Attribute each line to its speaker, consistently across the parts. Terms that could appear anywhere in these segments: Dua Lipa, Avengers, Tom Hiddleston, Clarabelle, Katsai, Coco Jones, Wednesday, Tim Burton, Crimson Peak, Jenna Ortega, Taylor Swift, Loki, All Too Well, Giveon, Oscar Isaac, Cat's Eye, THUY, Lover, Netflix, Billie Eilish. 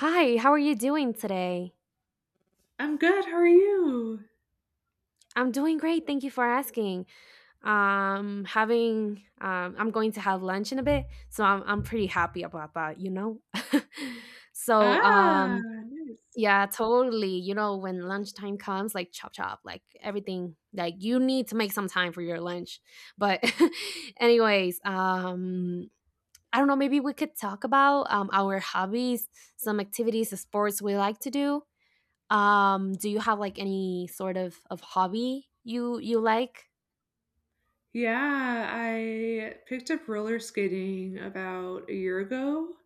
Speaker 1: Hi, how are you doing today?
Speaker 2: I'm good. How are you?
Speaker 1: I'm doing great, thank you for asking. Having I'm going to have lunch in a bit, so I'm pretty happy about that. so
Speaker 2: Ah,
Speaker 1: um,
Speaker 2: nice.
Speaker 1: yeah, totally. You know, when lunchtime comes, like chop chop, like everything, like you need to make some time for your lunch. But anyways, um, I don't know. Maybe we could talk about our hobbies, some activities, the sports we like to do. Do you have like any sort of hobby you like?
Speaker 2: Yeah, I picked up roller skating about a year ago,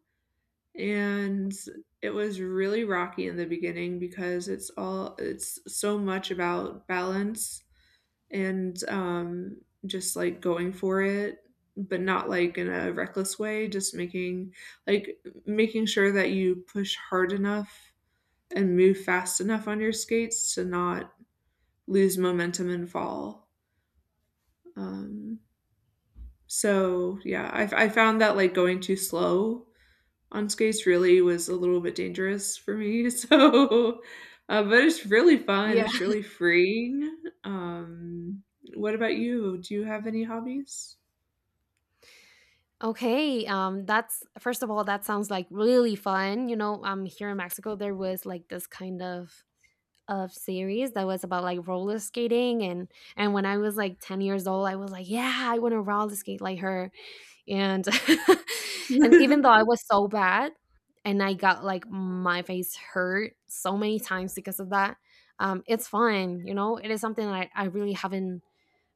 Speaker 2: and
Speaker 1: Okay.
Speaker 2: it was really rocky in the beginning because it's so much about balance and just like going for it, but not like in a reckless way, just making like making sure that you push hard enough and move fast enough on your skates to not lose momentum and fall. Um, so yeah, I found that like going too slow on skates really was a little bit dangerous for me. So, but it's really fun.
Speaker 1: Yeah.
Speaker 2: It's really freeing. What about you? Do you have any hobbies?
Speaker 1: Okay. That's first of all, that sounds like really fun. You know, here in Mexico, there was like this kind of series that was about like roller skating and when I was like 10 years old I was like yeah I want to roller skate like her and and even though I was so bad and I got like my face hurt so many times because of that it's fun you know it is something that I really haven't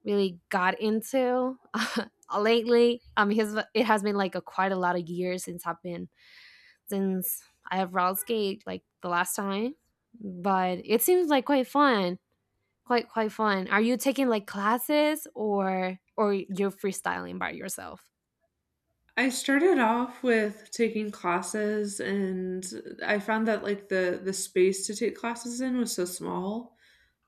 Speaker 1: really got into lately his it has been like a quite a lot of years since I've been since I have Ral's Gate like the last time, but it seems like quite fun. Quite fun. Are you taking like classes or you're freestyling by yourself?
Speaker 2: I started off with taking classes, and I found that like the space to take classes in was so small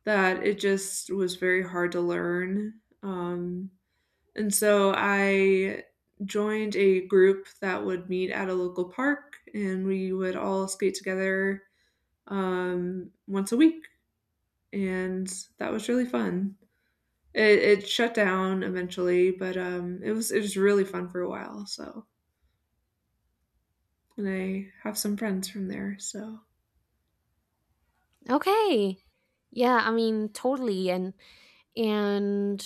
Speaker 2: that it just was very hard to learn. And so I joined a group that would meet at a local park, and we would all skate together once a week. And that was really fun. It shut down eventually, but it was really fun for a while. So, and I have some friends from there. So,
Speaker 1: Okay. Yeah, I mean totally and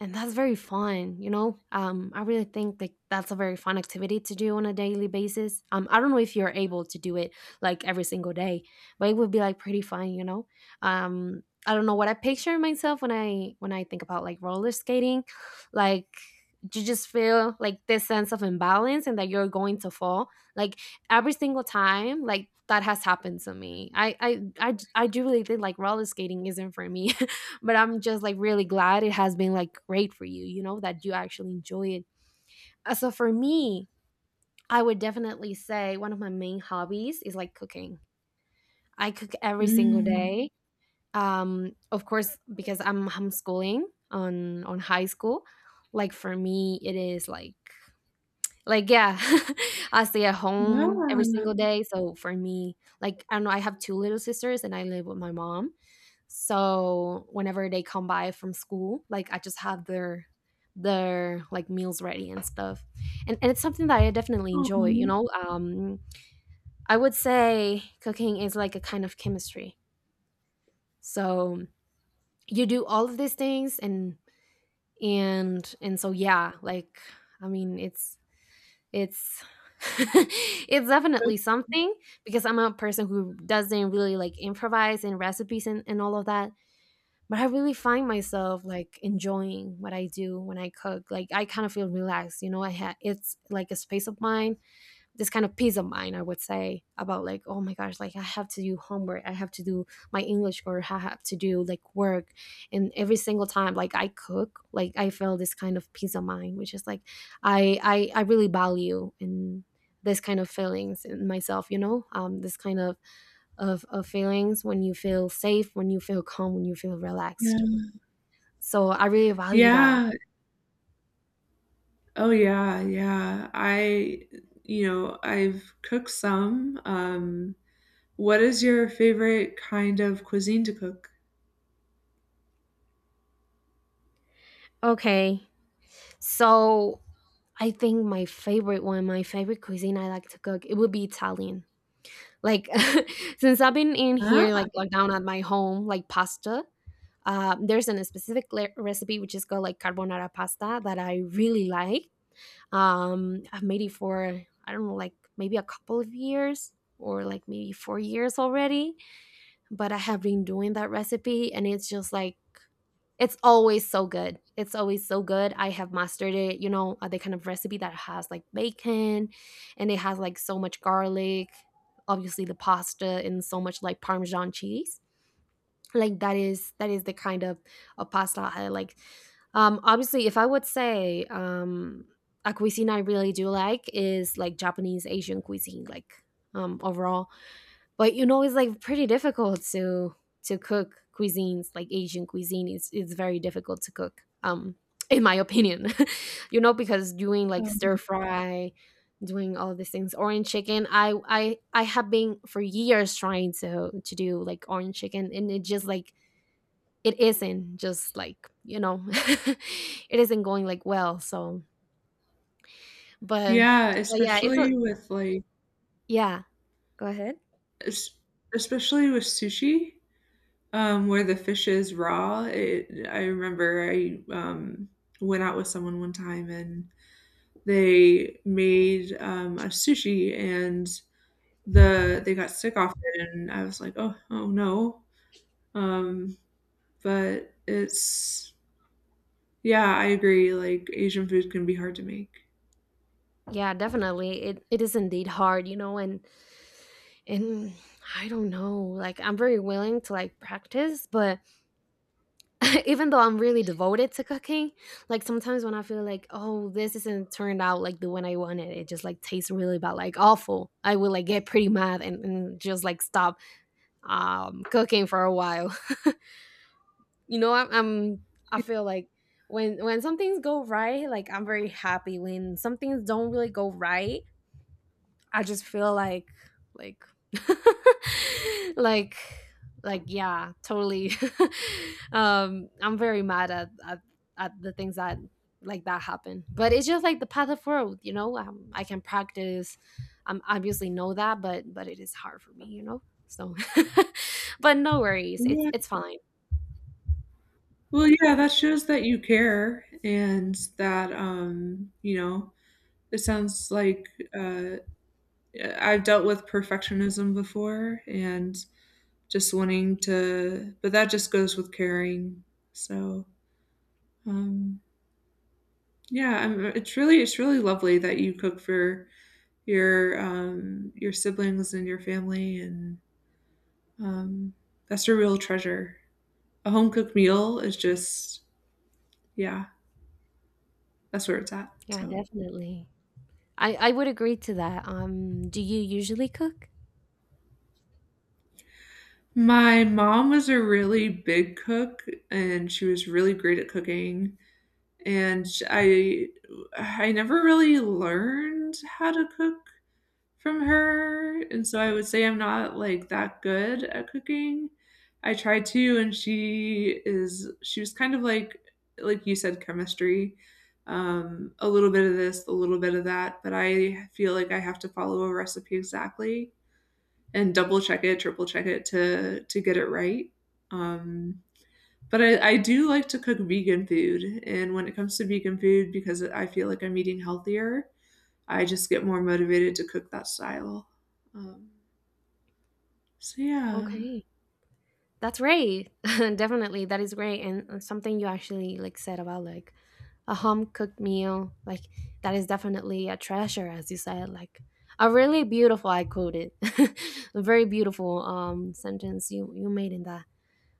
Speaker 1: and that's very fun you know I really think like that's a very fun activity to do on a daily basis I don't know if you're able to do it like every single day but it would be like pretty fun you know um I don't know what I picture myself when i think about like roller skating like you just feel like this sense of imbalance and that you're going to fall like every single time like that has happened to me I do really think like roller skating isn't for me but I'm just like really glad it has been like great for you you know that you actually enjoy it. So for me I would definitely say one of my main hobbies is like cooking. I cook every single
Speaker 2: mm,
Speaker 1: day of course because I'm homeschooling on high school like for me it is like, yeah, I stay at
Speaker 2: yeah.
Speaker 1: home every
Speaker 2: Aw,
Speaker 1: single day. So for me, like, I don't know, I have two little sisters and I live with my mom. So whenever they come by from school, like, I just have their like meals ready and stuff. And it's something that I definitely enjoy, you know. Um, I would say cooking is like a kind of chemistry. So you do all of these things and and so yeah, like I mean, it's it's definitely something because I'm a person who doesn't really like improvise in recipes and all of that. But I really find myself like enjoying what I do when I cook. Like I kind of feel relaxed, you know. I ha- it's like a space of mine, this kind of peace of mind I would say about like oh my gosh like I have to do homework I have to do my English or I have to do like work and every single time like I cook like I feel this kind of peace of mind which is like I really value in this kind of feelings in myself you know this kind of feelings when you feel safe when you feel calm when you feel
Speaker 2: yeah,
Speaker 1: relaxed so I really value that.
Speaker 2: yeah. Oh yeah, yeah. I've cooked some. What is your favorite kind of cuisine to cook?
Speaker 1: Okay, so I think my favorite one, my favorite cuisine I like to cook, it would be Italian. Like since I've been in here,
Speaker 2: Ah.
Speaker 1: like locked down at my home, like pasta. There's a specific le- recipe which is called like carbonara pasta that I really like. I've made it for I don't know, like maybe a couple of years or like maybe 4 years already. But I have been doing that recipe, and it's just like it's always so good. It's always so good. I have mastered it. You know, the kind of recipe that has like bacon and it has like so much garlic, obviously the pasta and so much like parmesan cheese. Like that is the kind of pasta I like. Um, obviously if I would say a cuisine I really do like is like Japanese Asian cuisine like overall but you know it's like pretty difficult to cook cuisines like Asian cuisine. It's very difficult to cook in my opinion. You know, because doing like stir
Speaker 2: Okay.
Speaker 1: fry, doing all these things, orange chicken, i have been for years trying to do like orange chicken and it just like it isn't just like you know it isn't going like well so but
Speaker 2: Yeah,
Speaker 1: but yeah it's a
Speaker 2: especially with like
Speaker 1: yeah go ahead.
Speaker 2: es especially with sushi, where the fish is raw. It I remember went out with someone one time, and they made, a sushi, and they got sick off it, and I was like, "Oh, oh, no." Um, but it's yeah, I agree, like, Asian food can be hard to make.
Speaker 1: Yeah, definitely it is indeed hard you know and I don't know, like, I'm very willing to, like, practice, but even though I'm really devoted to cooking, like, sometimes when I feel like, "Oh, this isn't turned out like the way I wanted, it just, like, tastes really bad, like, awful," I will, like, get pretty mad and just, like, stop, cooking for a while. You know, I'm I feel like when some things go right, like, I'm very happy. When some things don't really go right, I just feel like like like yeah, totally. Um, I'm very mad at the things that like that happen. But it's just like the path of growth, you know. I can practice. I'm obviously know that, but it is hard for me, you know. So, but no worries. It's
Speaker 2: Yeah.
Speaker 1: it's fine.
Speaker 2: Well, yeah, that shows that you care, and that, you know, it sounds like uh, I've dealt with perfectionism before, and just wanting to, but that just goes with caring. So, um, yeah, it's really lovely that you cook for your siblings and your family, and um, that's a real treasure. A home cooked meal is just, yeah, that's where it's at.
Speaker 1: Yeah,
Speaker 2: So.
Speaker 1: definitely. I would agree to that. Do you usually cook?
Speaker 2: My mom was a really big cook, and she was really great at cooking, and I never really learned how to cook from her, and so I would say I'm not, like, that good at cooking. I tried to, and she was kind of like you said, chemistry, a little bit of this, a little bit of that, but I feel like I have to follow a recipe exactly, and double check it, triple check it to get it right. Um, but I do like to cook vegan food, and when it comes to vegan food, because I feel like I'm eating healthier, I just get more motivated to cook that style. Um, so yeah,
Speaker 1: Okay. That's great. Definitely, that is great. And something you actually like said about like a home cooked meal, like that is definitely a treasure, as you said. Like a really beautiful, I quoted, a very beautiful sentence you made in that.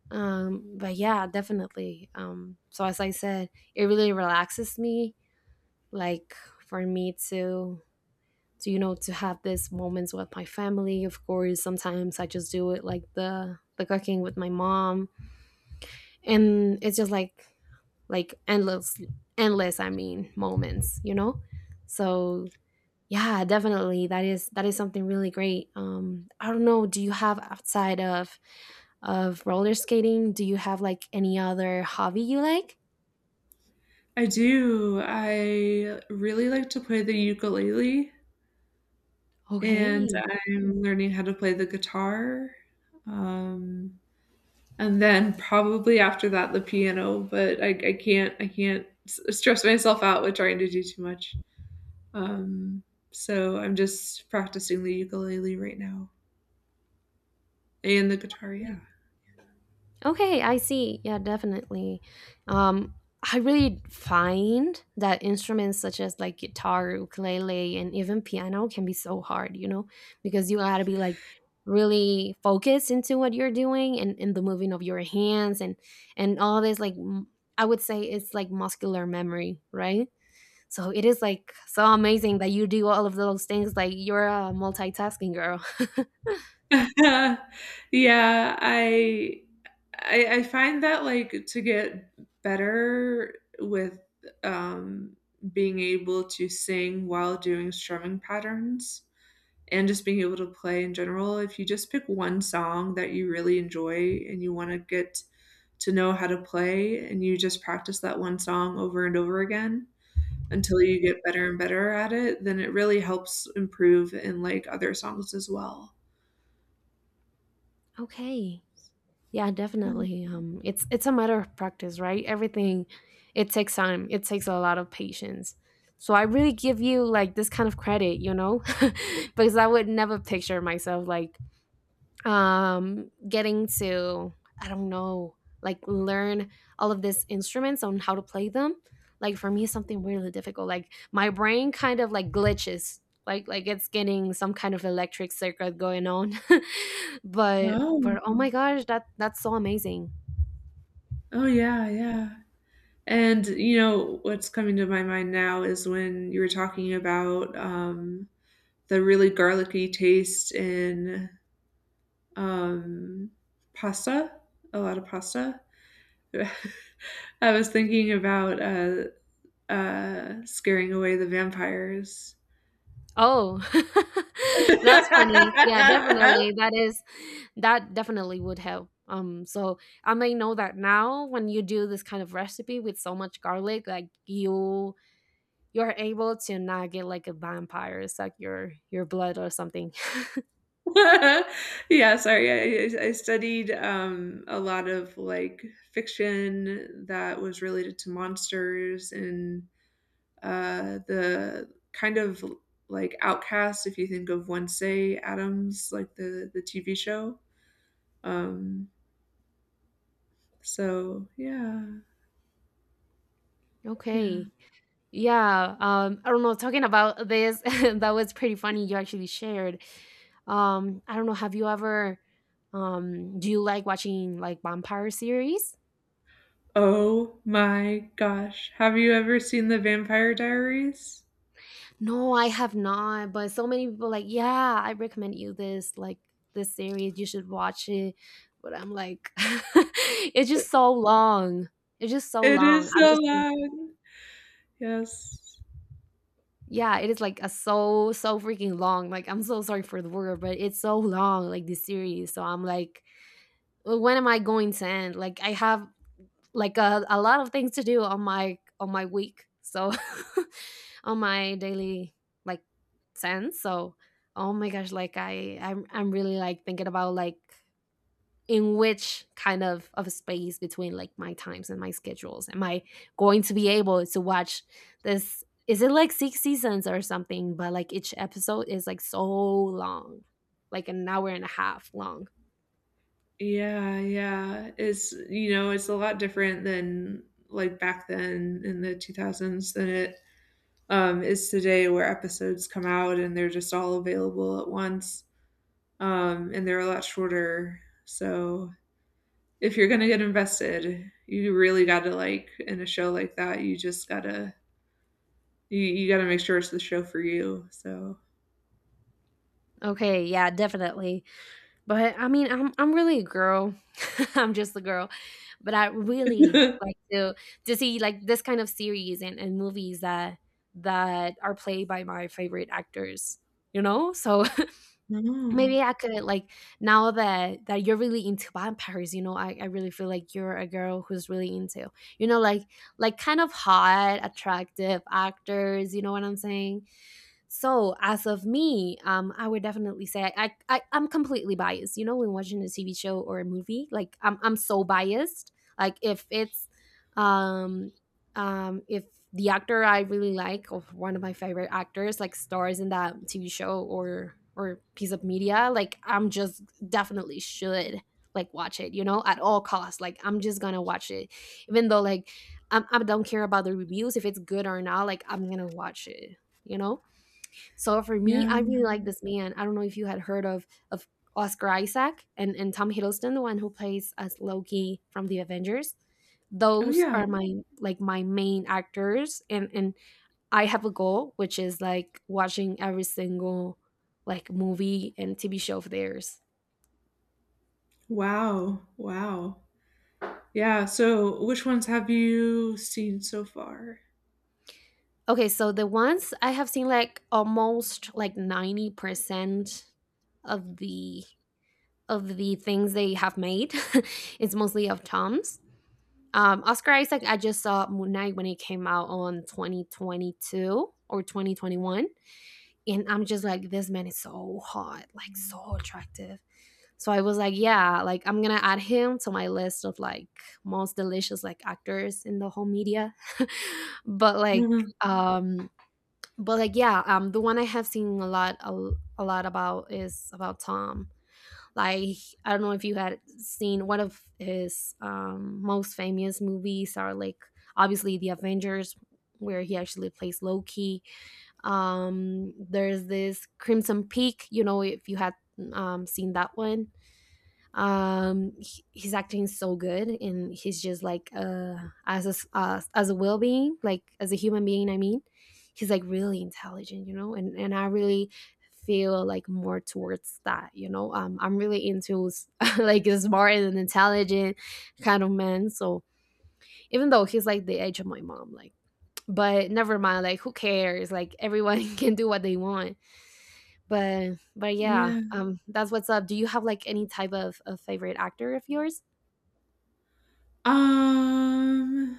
Speaker 1: But yeah, definitely. So as I said, it really relaxes me. Like for me to you know to have these moments with my family. Of course, sometimes I just do it like the cooking with my mom and it's just like endless endless I mean moments you know so yeah definitely that is something really great I don't know do you have outside of roller skating do you have like any other hobby you like.
Speaker 2: I do. I really like to play the ukulele, and
Speaker 1: Okay.
Speaker 2: I'm learning how to play the guitar. Um, and then probably after that the piano. But I can't I can't stress myself out with trying to do too much. Um, so I'm just practicing the ukulele right now and the guitar. Yeah.
Speaker 1: Okay, I see. Yeah, definitely. Um, I really find that instruments such as like guitar, ukulele, and even piano can be so hard, you know, because you gotta be like really focused into what you're doing and in the moving of your hands and all this like m- I would say it's like muscular memory, right? So it is like so amazing that you do all of those things. Like you're a multitasking girl.
Speaker 2: Yeah, I find that, like, to get better with, um, being able to sing while doing strumming patterns, and just being able to play in general, if you just pick one song that you really enjoy and you wanna get to know how to play, and you just practice that one song over and over again until you get better and better at it, then it really helps improve in, like, other songs as well.
Speaker 1: Okay. Yeah,
Speaker 2: Oh.
Speaker 1: definitely. It's a matter of practice, right? Everything, it takes time. It takes a lot of patience. So I really give you like this kind of credit, you know, because I would never picture myself like getting to I don't know like learn all of these instruments on how to play them like for me it's something really difficult like my brain kind of like glitches like it's getting some kind of electric circuit going on but oh my gosh that's so amazing.
Speaker 2: Oh yeah, yeah. And you know what's coming to my mind now is when you were talking about the really garlicky taste in um, pasta, a lot of pasta. I was thinking about scaring away the vampires.
Speaker 1: Oh, that's funny. Yeah,
Speaker 2: Yeah,
Speaker 1: definitely. That is, that definitely would help. So I may know that now when you do this kind of recipe with so much garlic, like you you're able to not get like a vampire suck your blood or something.
Speaker 2: sorry. I studied a lot of like fiction that was related to monsters, and the kind of outcast, if you think of Wednesday Adams, like the TV show. Um, so yeah, yeah.
Speaker 1: Okay. Yeah. I don't know. Talking about this, that was pretty funny. You actually shared. I don't know. Have you ever, do you like watching like vampire series?
Speaker 2: Oh my gosh, have you ever seen The Vampire Diaries?
Speaker 1: No, I have not, but so many people like, "Yeah, I recommend you this, like, this series, you should watch it." But I'm like, it's just so long. It's just so
Speaker 2: It
Speaker 1: long.
Speaker 2: is
Speaker 1: I'm
Speaker 2: so
Speaker 1: just
Speaker 2: loud. Yes.
Speaker 1: yeah, it is like a so, so freaking long. Like, I'm so sorry for the word, but it's so long, like this series. So I'm like, "Well, when am I going to end? Like I have like a lot of things to do on my week. So on my daily like sense, so, oh my gosh, like I'm really like thinking about like in which kind of a space between like my times and my schedules am I going to be able to watch. This is it, like six seasons or something? But like each episode is like so long, like an hour and a half long.
Speaker 2: Yeah, yeah. It's you know, it's a lot different than like back then in the 2000s than it is today, where episodes come out and they're just all available at once. And they're a lot shorter. So if you're gonna get invested, you really gotta like in a show like that. You just gotta you gotta make sure it's the show for you. So
Speaker 1: Okay, yeah, definitely. But I mean, I'm really a girl. I'm just a girl, but I really like to see like this kind of series and movies that are played by my favorite actors. You know, so
Speaker 2: oh
Speaker 1: maybe I could like now that you're really into vampires. You know, I really feel like you're a girl who's really into, like, kind of hot, attractive actors. You know what I'm saying? So as of me, I would definitely say I'm completely biased. You know, when watching a TV show or a movie, like I'm so biased. Like if it's um if the actor I really like, or one of my favorite actors, like stars in that TV show or piece of media, like I'm just definitely should like watch it, at all costs. Like I'm just gonna watch it. Even though like I don't care about the reviews if it's good or not, like I'm gonna watch it, you know? So for me,
Speaker 2: yeah,
Speaker 1: I really like this man. I don't know if you had heard of Oscar Isaac and Tom Hiddleston, the one who plays as Loki from the Avengers.
Speaker 2: oh
Speaker 1: Those
Speaker 2: yeah,
Speaker 1: are my, my main actors, and I have a goal, which is like watching every single, like, movie and TV show of theirs.
Speaker 2: wow, wow, yeah. So which ones have you seen so far?
Speaker 1: Okay, so the ones I have seen, like, almost like 90% of the of the things they have made. It's mostly of Tom's. Oscar Isaac, I just saw Moon Knight when it came out on 2022 or 2021. And I'm just like, this man is so hot, like so attractive. So I was like, yeah, like I'm gonna add him to my list of, like, most delicious, like, actors in the whole media. but like,
Speaker 2: Mhm.
Speaker 1: um, but like, yeah, the one I have seen a lot, a lot about, is about Tom. Like, I don't know if you had seen one of his, most famous movies are, like, obviously the Avengers, where he actually plays Loki. There's this Crimson Peak. You know, if you had seen that one. He's acting so good, and he's just like, as a as a well being, like as a human being, I mean, he's like really intelligent, and I really feel like more towards that, I'm really into like smart and intelligent kind of men. So even though he's like the age of my mom, like, but never mind, like who cares, like everyone can do what they want. But yeah,
Speaker 2: Yeah.
Speaker 1: that's what's up. Do you have like any type of favorite actor of yours?
Speaker 2: Um.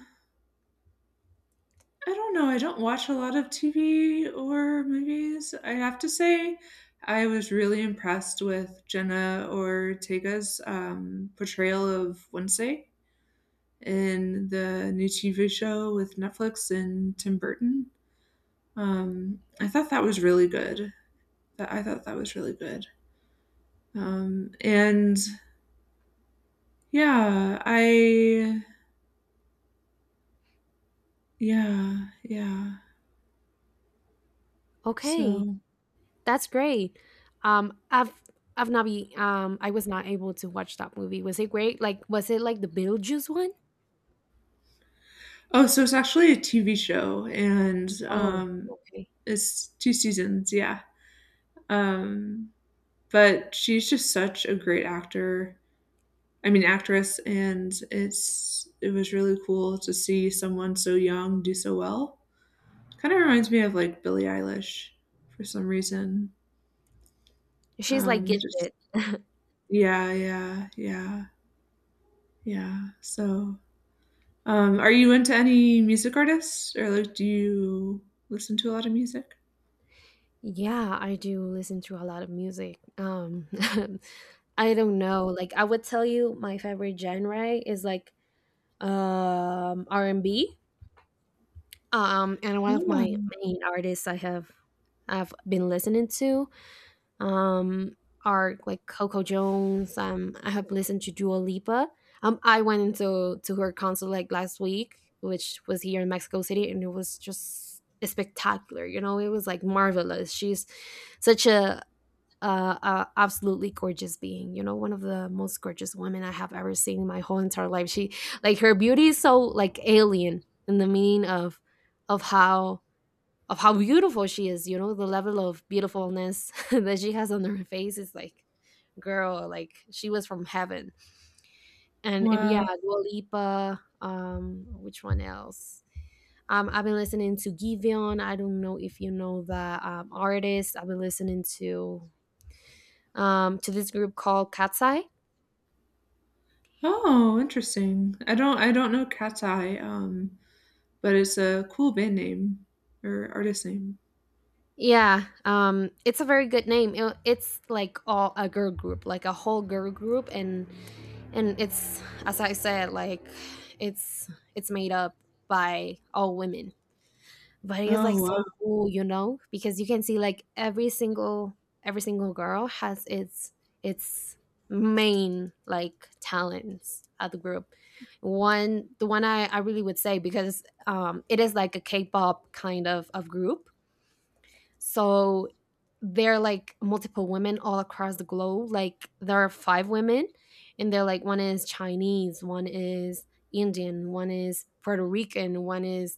Speaker 2: I don't know, I don't watch a lot of TV or movies. I have to say I was really impressed with Jenna Ortega's, portrayal of Wednesday in the new TV show with Netflix and Tim Burton. I thought that was really good. Th I thought that was really good. And yeah, I Yeah, yeah.
Speaker 1: Okay,
Speaker 2: So
Speaker 1: that's great. Um, I've I was not able to watch that movie. Was it great? Like, was it like the Beetlejuice one?
Speaker 2: Oh, so it's actually a TV show, and
Speaker 1: Oh, okay.
Speaker 2: it's two seasons, yeah. Um, but she's just such a great actor. I mean, actress, and it was really cool to see someone so young do so well. Kind of reminds me of like Billie Eilish for some reason.
Speaker 1: She's like
Speaker 2: Just
Speaker 1: gifted.
Speaker 2: Yeah, yeah, yeah, yeah. So, are you into any music artists, or like, do you listen to a lot of music?
Speaker 1: Yeah, I do listen to a lot of music. I don't know. Like, I would tell you my favorite genre is like R&B. And one of
Speaker 2: Yeah.
Speaker 1: my main artists I've been listening to, um, are like Coco Jones. I have listened to Dua Lipa. I went into to her concert like last week, which was here in Mexico City, and it was just spectacular. You know, it was like marvelous. She's such a absolutely gorgeous being. You know, one of the most gorgeous women I have ever seen in my whole entire life. She, like, her beauty is so, like, alien, in the meaning of how, of how beautiful she is, the level of beautifulness that she has on her face is, like, girl, like she was from heaven. And yeah,
Speaker 2: Wow.
Speaker 1: Dua Lipa, which one else? I've been listening to Giveon. I don't know if you know that artist. I've been listening to this group called Katsai.
Speaker 2: Oh, interesting. I don't know Cat's Eye, but it's a cool band name or artist name.
Speaker 1: Yeah, it's a very good name. It's like all a girl group, like a whole girl group, and it's, as I said, like, it's it's made up by all women, but it's
Speaker 2: Oh,
Speaker 1: like
Speaker 2: wow.
Speaker 1: so cool, because you can see, like, every single girl has its main like talents at the group. One the one I really would say, because it is like a k-pop kind of group, so they're like multiple women all across the globe. Like there are five women, and they're like, one is Chinese, one is Indian, one is Puerto Rican, one is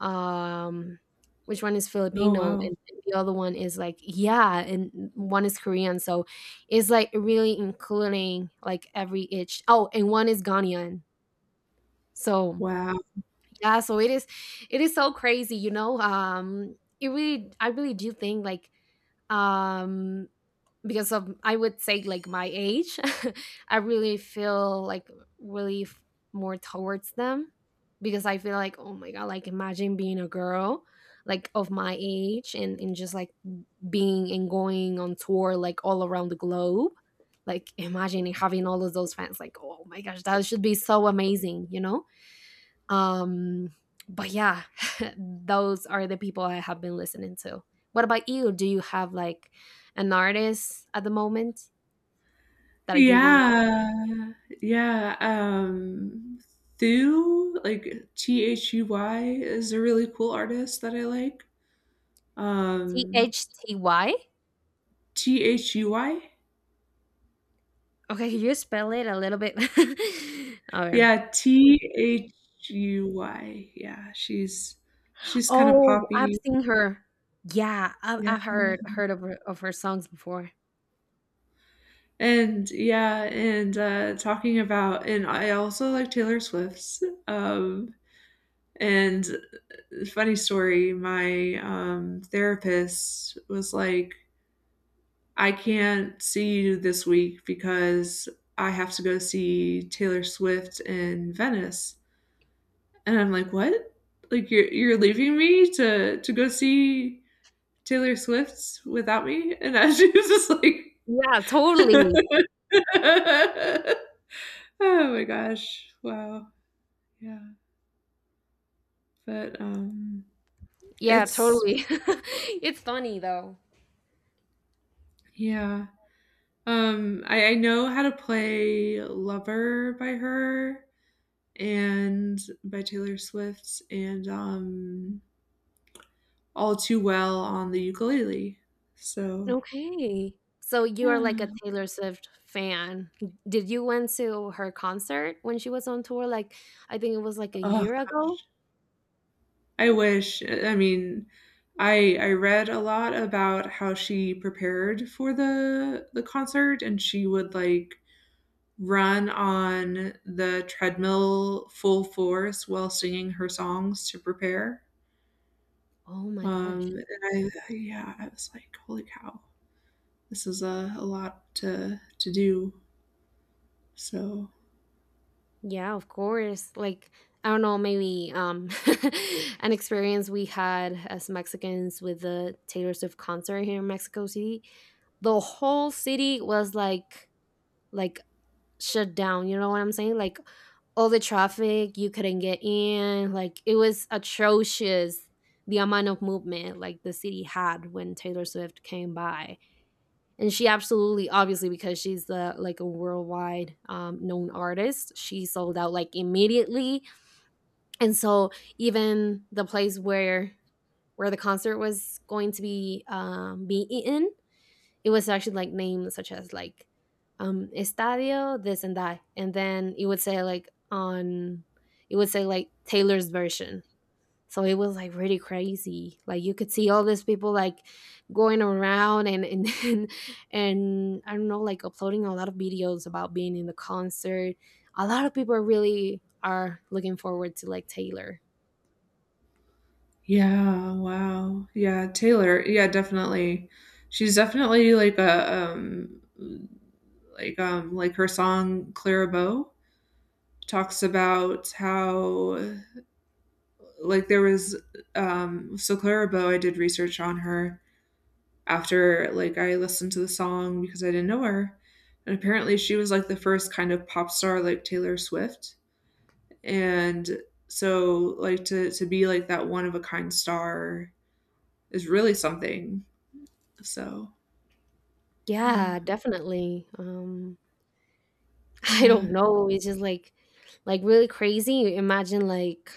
Speaker 1: um which one is
Speaker 2: Oh,
Speaker 1: Filipino,
Speaker 2: wow.
Speaker 1: and the other one is, like, yeah, and one is Korean. So it's like really including like every itch. Oh, and one is Ghanaian. So
Speaker 2: Wow.
Speaker 1: yeah, so it is so crazy, you know. It really I really do think, like, um because of, I would say, like, my age I really feel like really more towards them, because I feel like, oh my god, like imagine being a girl, like of my age, and just like being and going on tour, like all around the globe, like imagine having all of those fans, like oh my gosh, that should be so amazing, you know. um, but yeah, those are the people I have been listening to. What about you? Do you have like an artist at the moment that you really like?
Speaker 2: Yeah. Yeah, Thu, like THUY is a really cool artist that I like.
Speaker 1: T
Speaker 2: Um,
Speaker 1: H T Y?
Speaker 2: THUY?
Speaker 1: Okay, can you spell it a little bit? Okay.
Speaker 2: Yeah, THUY. Yeah, she's kind of
Speaker 1: Oh, I've
Speaker 2: poppy.
Speaker 1: seen her. Yeah, I've,
Speaker 2: Yeah.
Speaker 1: I've heard of her songs before.
Speaker 2: And yeah, and I also like Taylor Swift's. Um, and Funny story, my therapist was like, I can't see you this week because I have to go see Taylor Swift in Venice. And I'm like, what? Like you're leaving me to go see Taylor Swift without me? And I, she was just like,
Speaker 1: Yeah, totally.
Speaker 2: oh my gosh, wow. Yeah, but,
Speaker 1: Yeah,
Speaker 2: it's
Speaker 1: totally. It's funny though.
Speaker 2: yeah. I know how to play Lover by her, and by Taylor Swift, and, All Too Well on the ukulele. So,
Speaker 1: Okay. So you are like
Speaker 2: yeah.
Speaker 1: a Taylor Swift fan. Did you went to her concert when she was on tour? Like, I think it was like a
Speaker 2: Oh
Speaker 1: year ago.
Speaker 2: gosh. I wish. I mean, I read a lot about how she prepared for the concert, and she would, like, run on the treadmill full force while singing her songs to prepare.
Speaker 1: Oh my gosh.
Speaker 2: Um, and I Yeah, I was like, "Holy cow. This is a lot to do." So,
Speaker 1: Yeah, of course. Like, I don't know, maybe an experience we had as Mexicans with the Taylor Swift concert here in Mexico City. The whole city was, like, like shut down, you know what I'm saying? Like all the traffic, you couldn't get in, like it was atrocious, the amount of movement like the city had when Taylor Swift came by. And she absolutely, obviously, because she's the like a worldwide, known artist, she sold out like immediately. And so even the place where the concert was going to be, be eaten, it was actually like names such as like estadio this and that, and then it would say like, on it would say like Taylor's version. So it was like really crazy, like you could see all these people like going around and I don't know, like uploading a lot of videos about being in the concert. A lot of people really are looking forward to, like, Taylor.
Speaker 2: yeah, wow. Yeah, Taylor, yeah, definitely. She's definitely like a, like, like her song "Clarabelle" talks about how, like, so Clarabelle, I did research on her, after like I listened to the song because I didn't know her. And apparently she was like the first kind of pop star like Taylor Swift. And so like to be like that one of a kind star is really something. So yeah.
Speaker 1: Yeah, definitely. I
Speaker 2: Yeah.
Speaker 1: don't know. It's just like, really crazy. Imagine like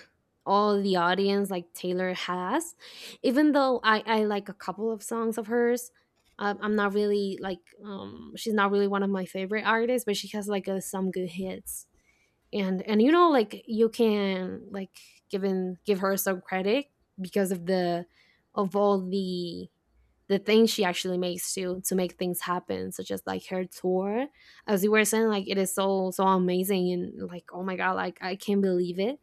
Speaker 1: all the audience like Taylor has. Even though I like a couple of songs of hers, I'm not really like, she's not really one of my favorite artists, but she has like some good hits. And you know, like you can, like, give her some credit, because of all the things she actually makes to make things happen, such as like her tour. As you were saying, like, it is so, so amazing, and like, oh my god, like, I can't believe it,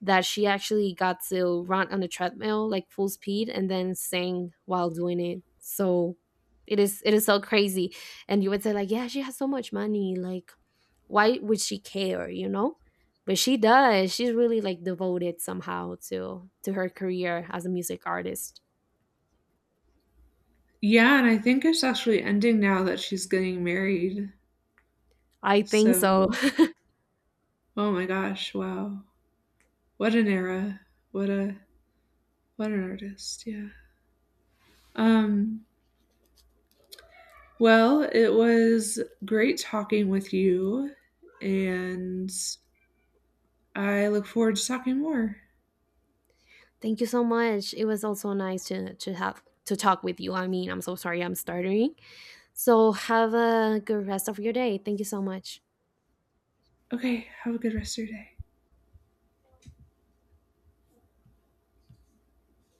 Speaker 1: that she actually got to run on the treadmill, like full speed, and then sing while doing it. So it is so crazy. And you would say, like, yeah, she has so much money, like, why would she care, you know. But she does, she's really like devoted somehow to her career as a music artist.
Speaker 2: Yeah, and I think it's actually ending now that she's getting married.
Speaker 1: I think so.
Speaker 2: So oh my gosh, wow. What an era. What a what an artist, yeah. Um Well, it was great talking with you, and I look forward to talking more.
Speaker 1: Thank you so much, it was also nice to have to talk with you, I mean, I'm so sorry, I'm stuttering, so have a good rest of your day, thank you so much.
Speaker 2: Okay, have a good rest of your day.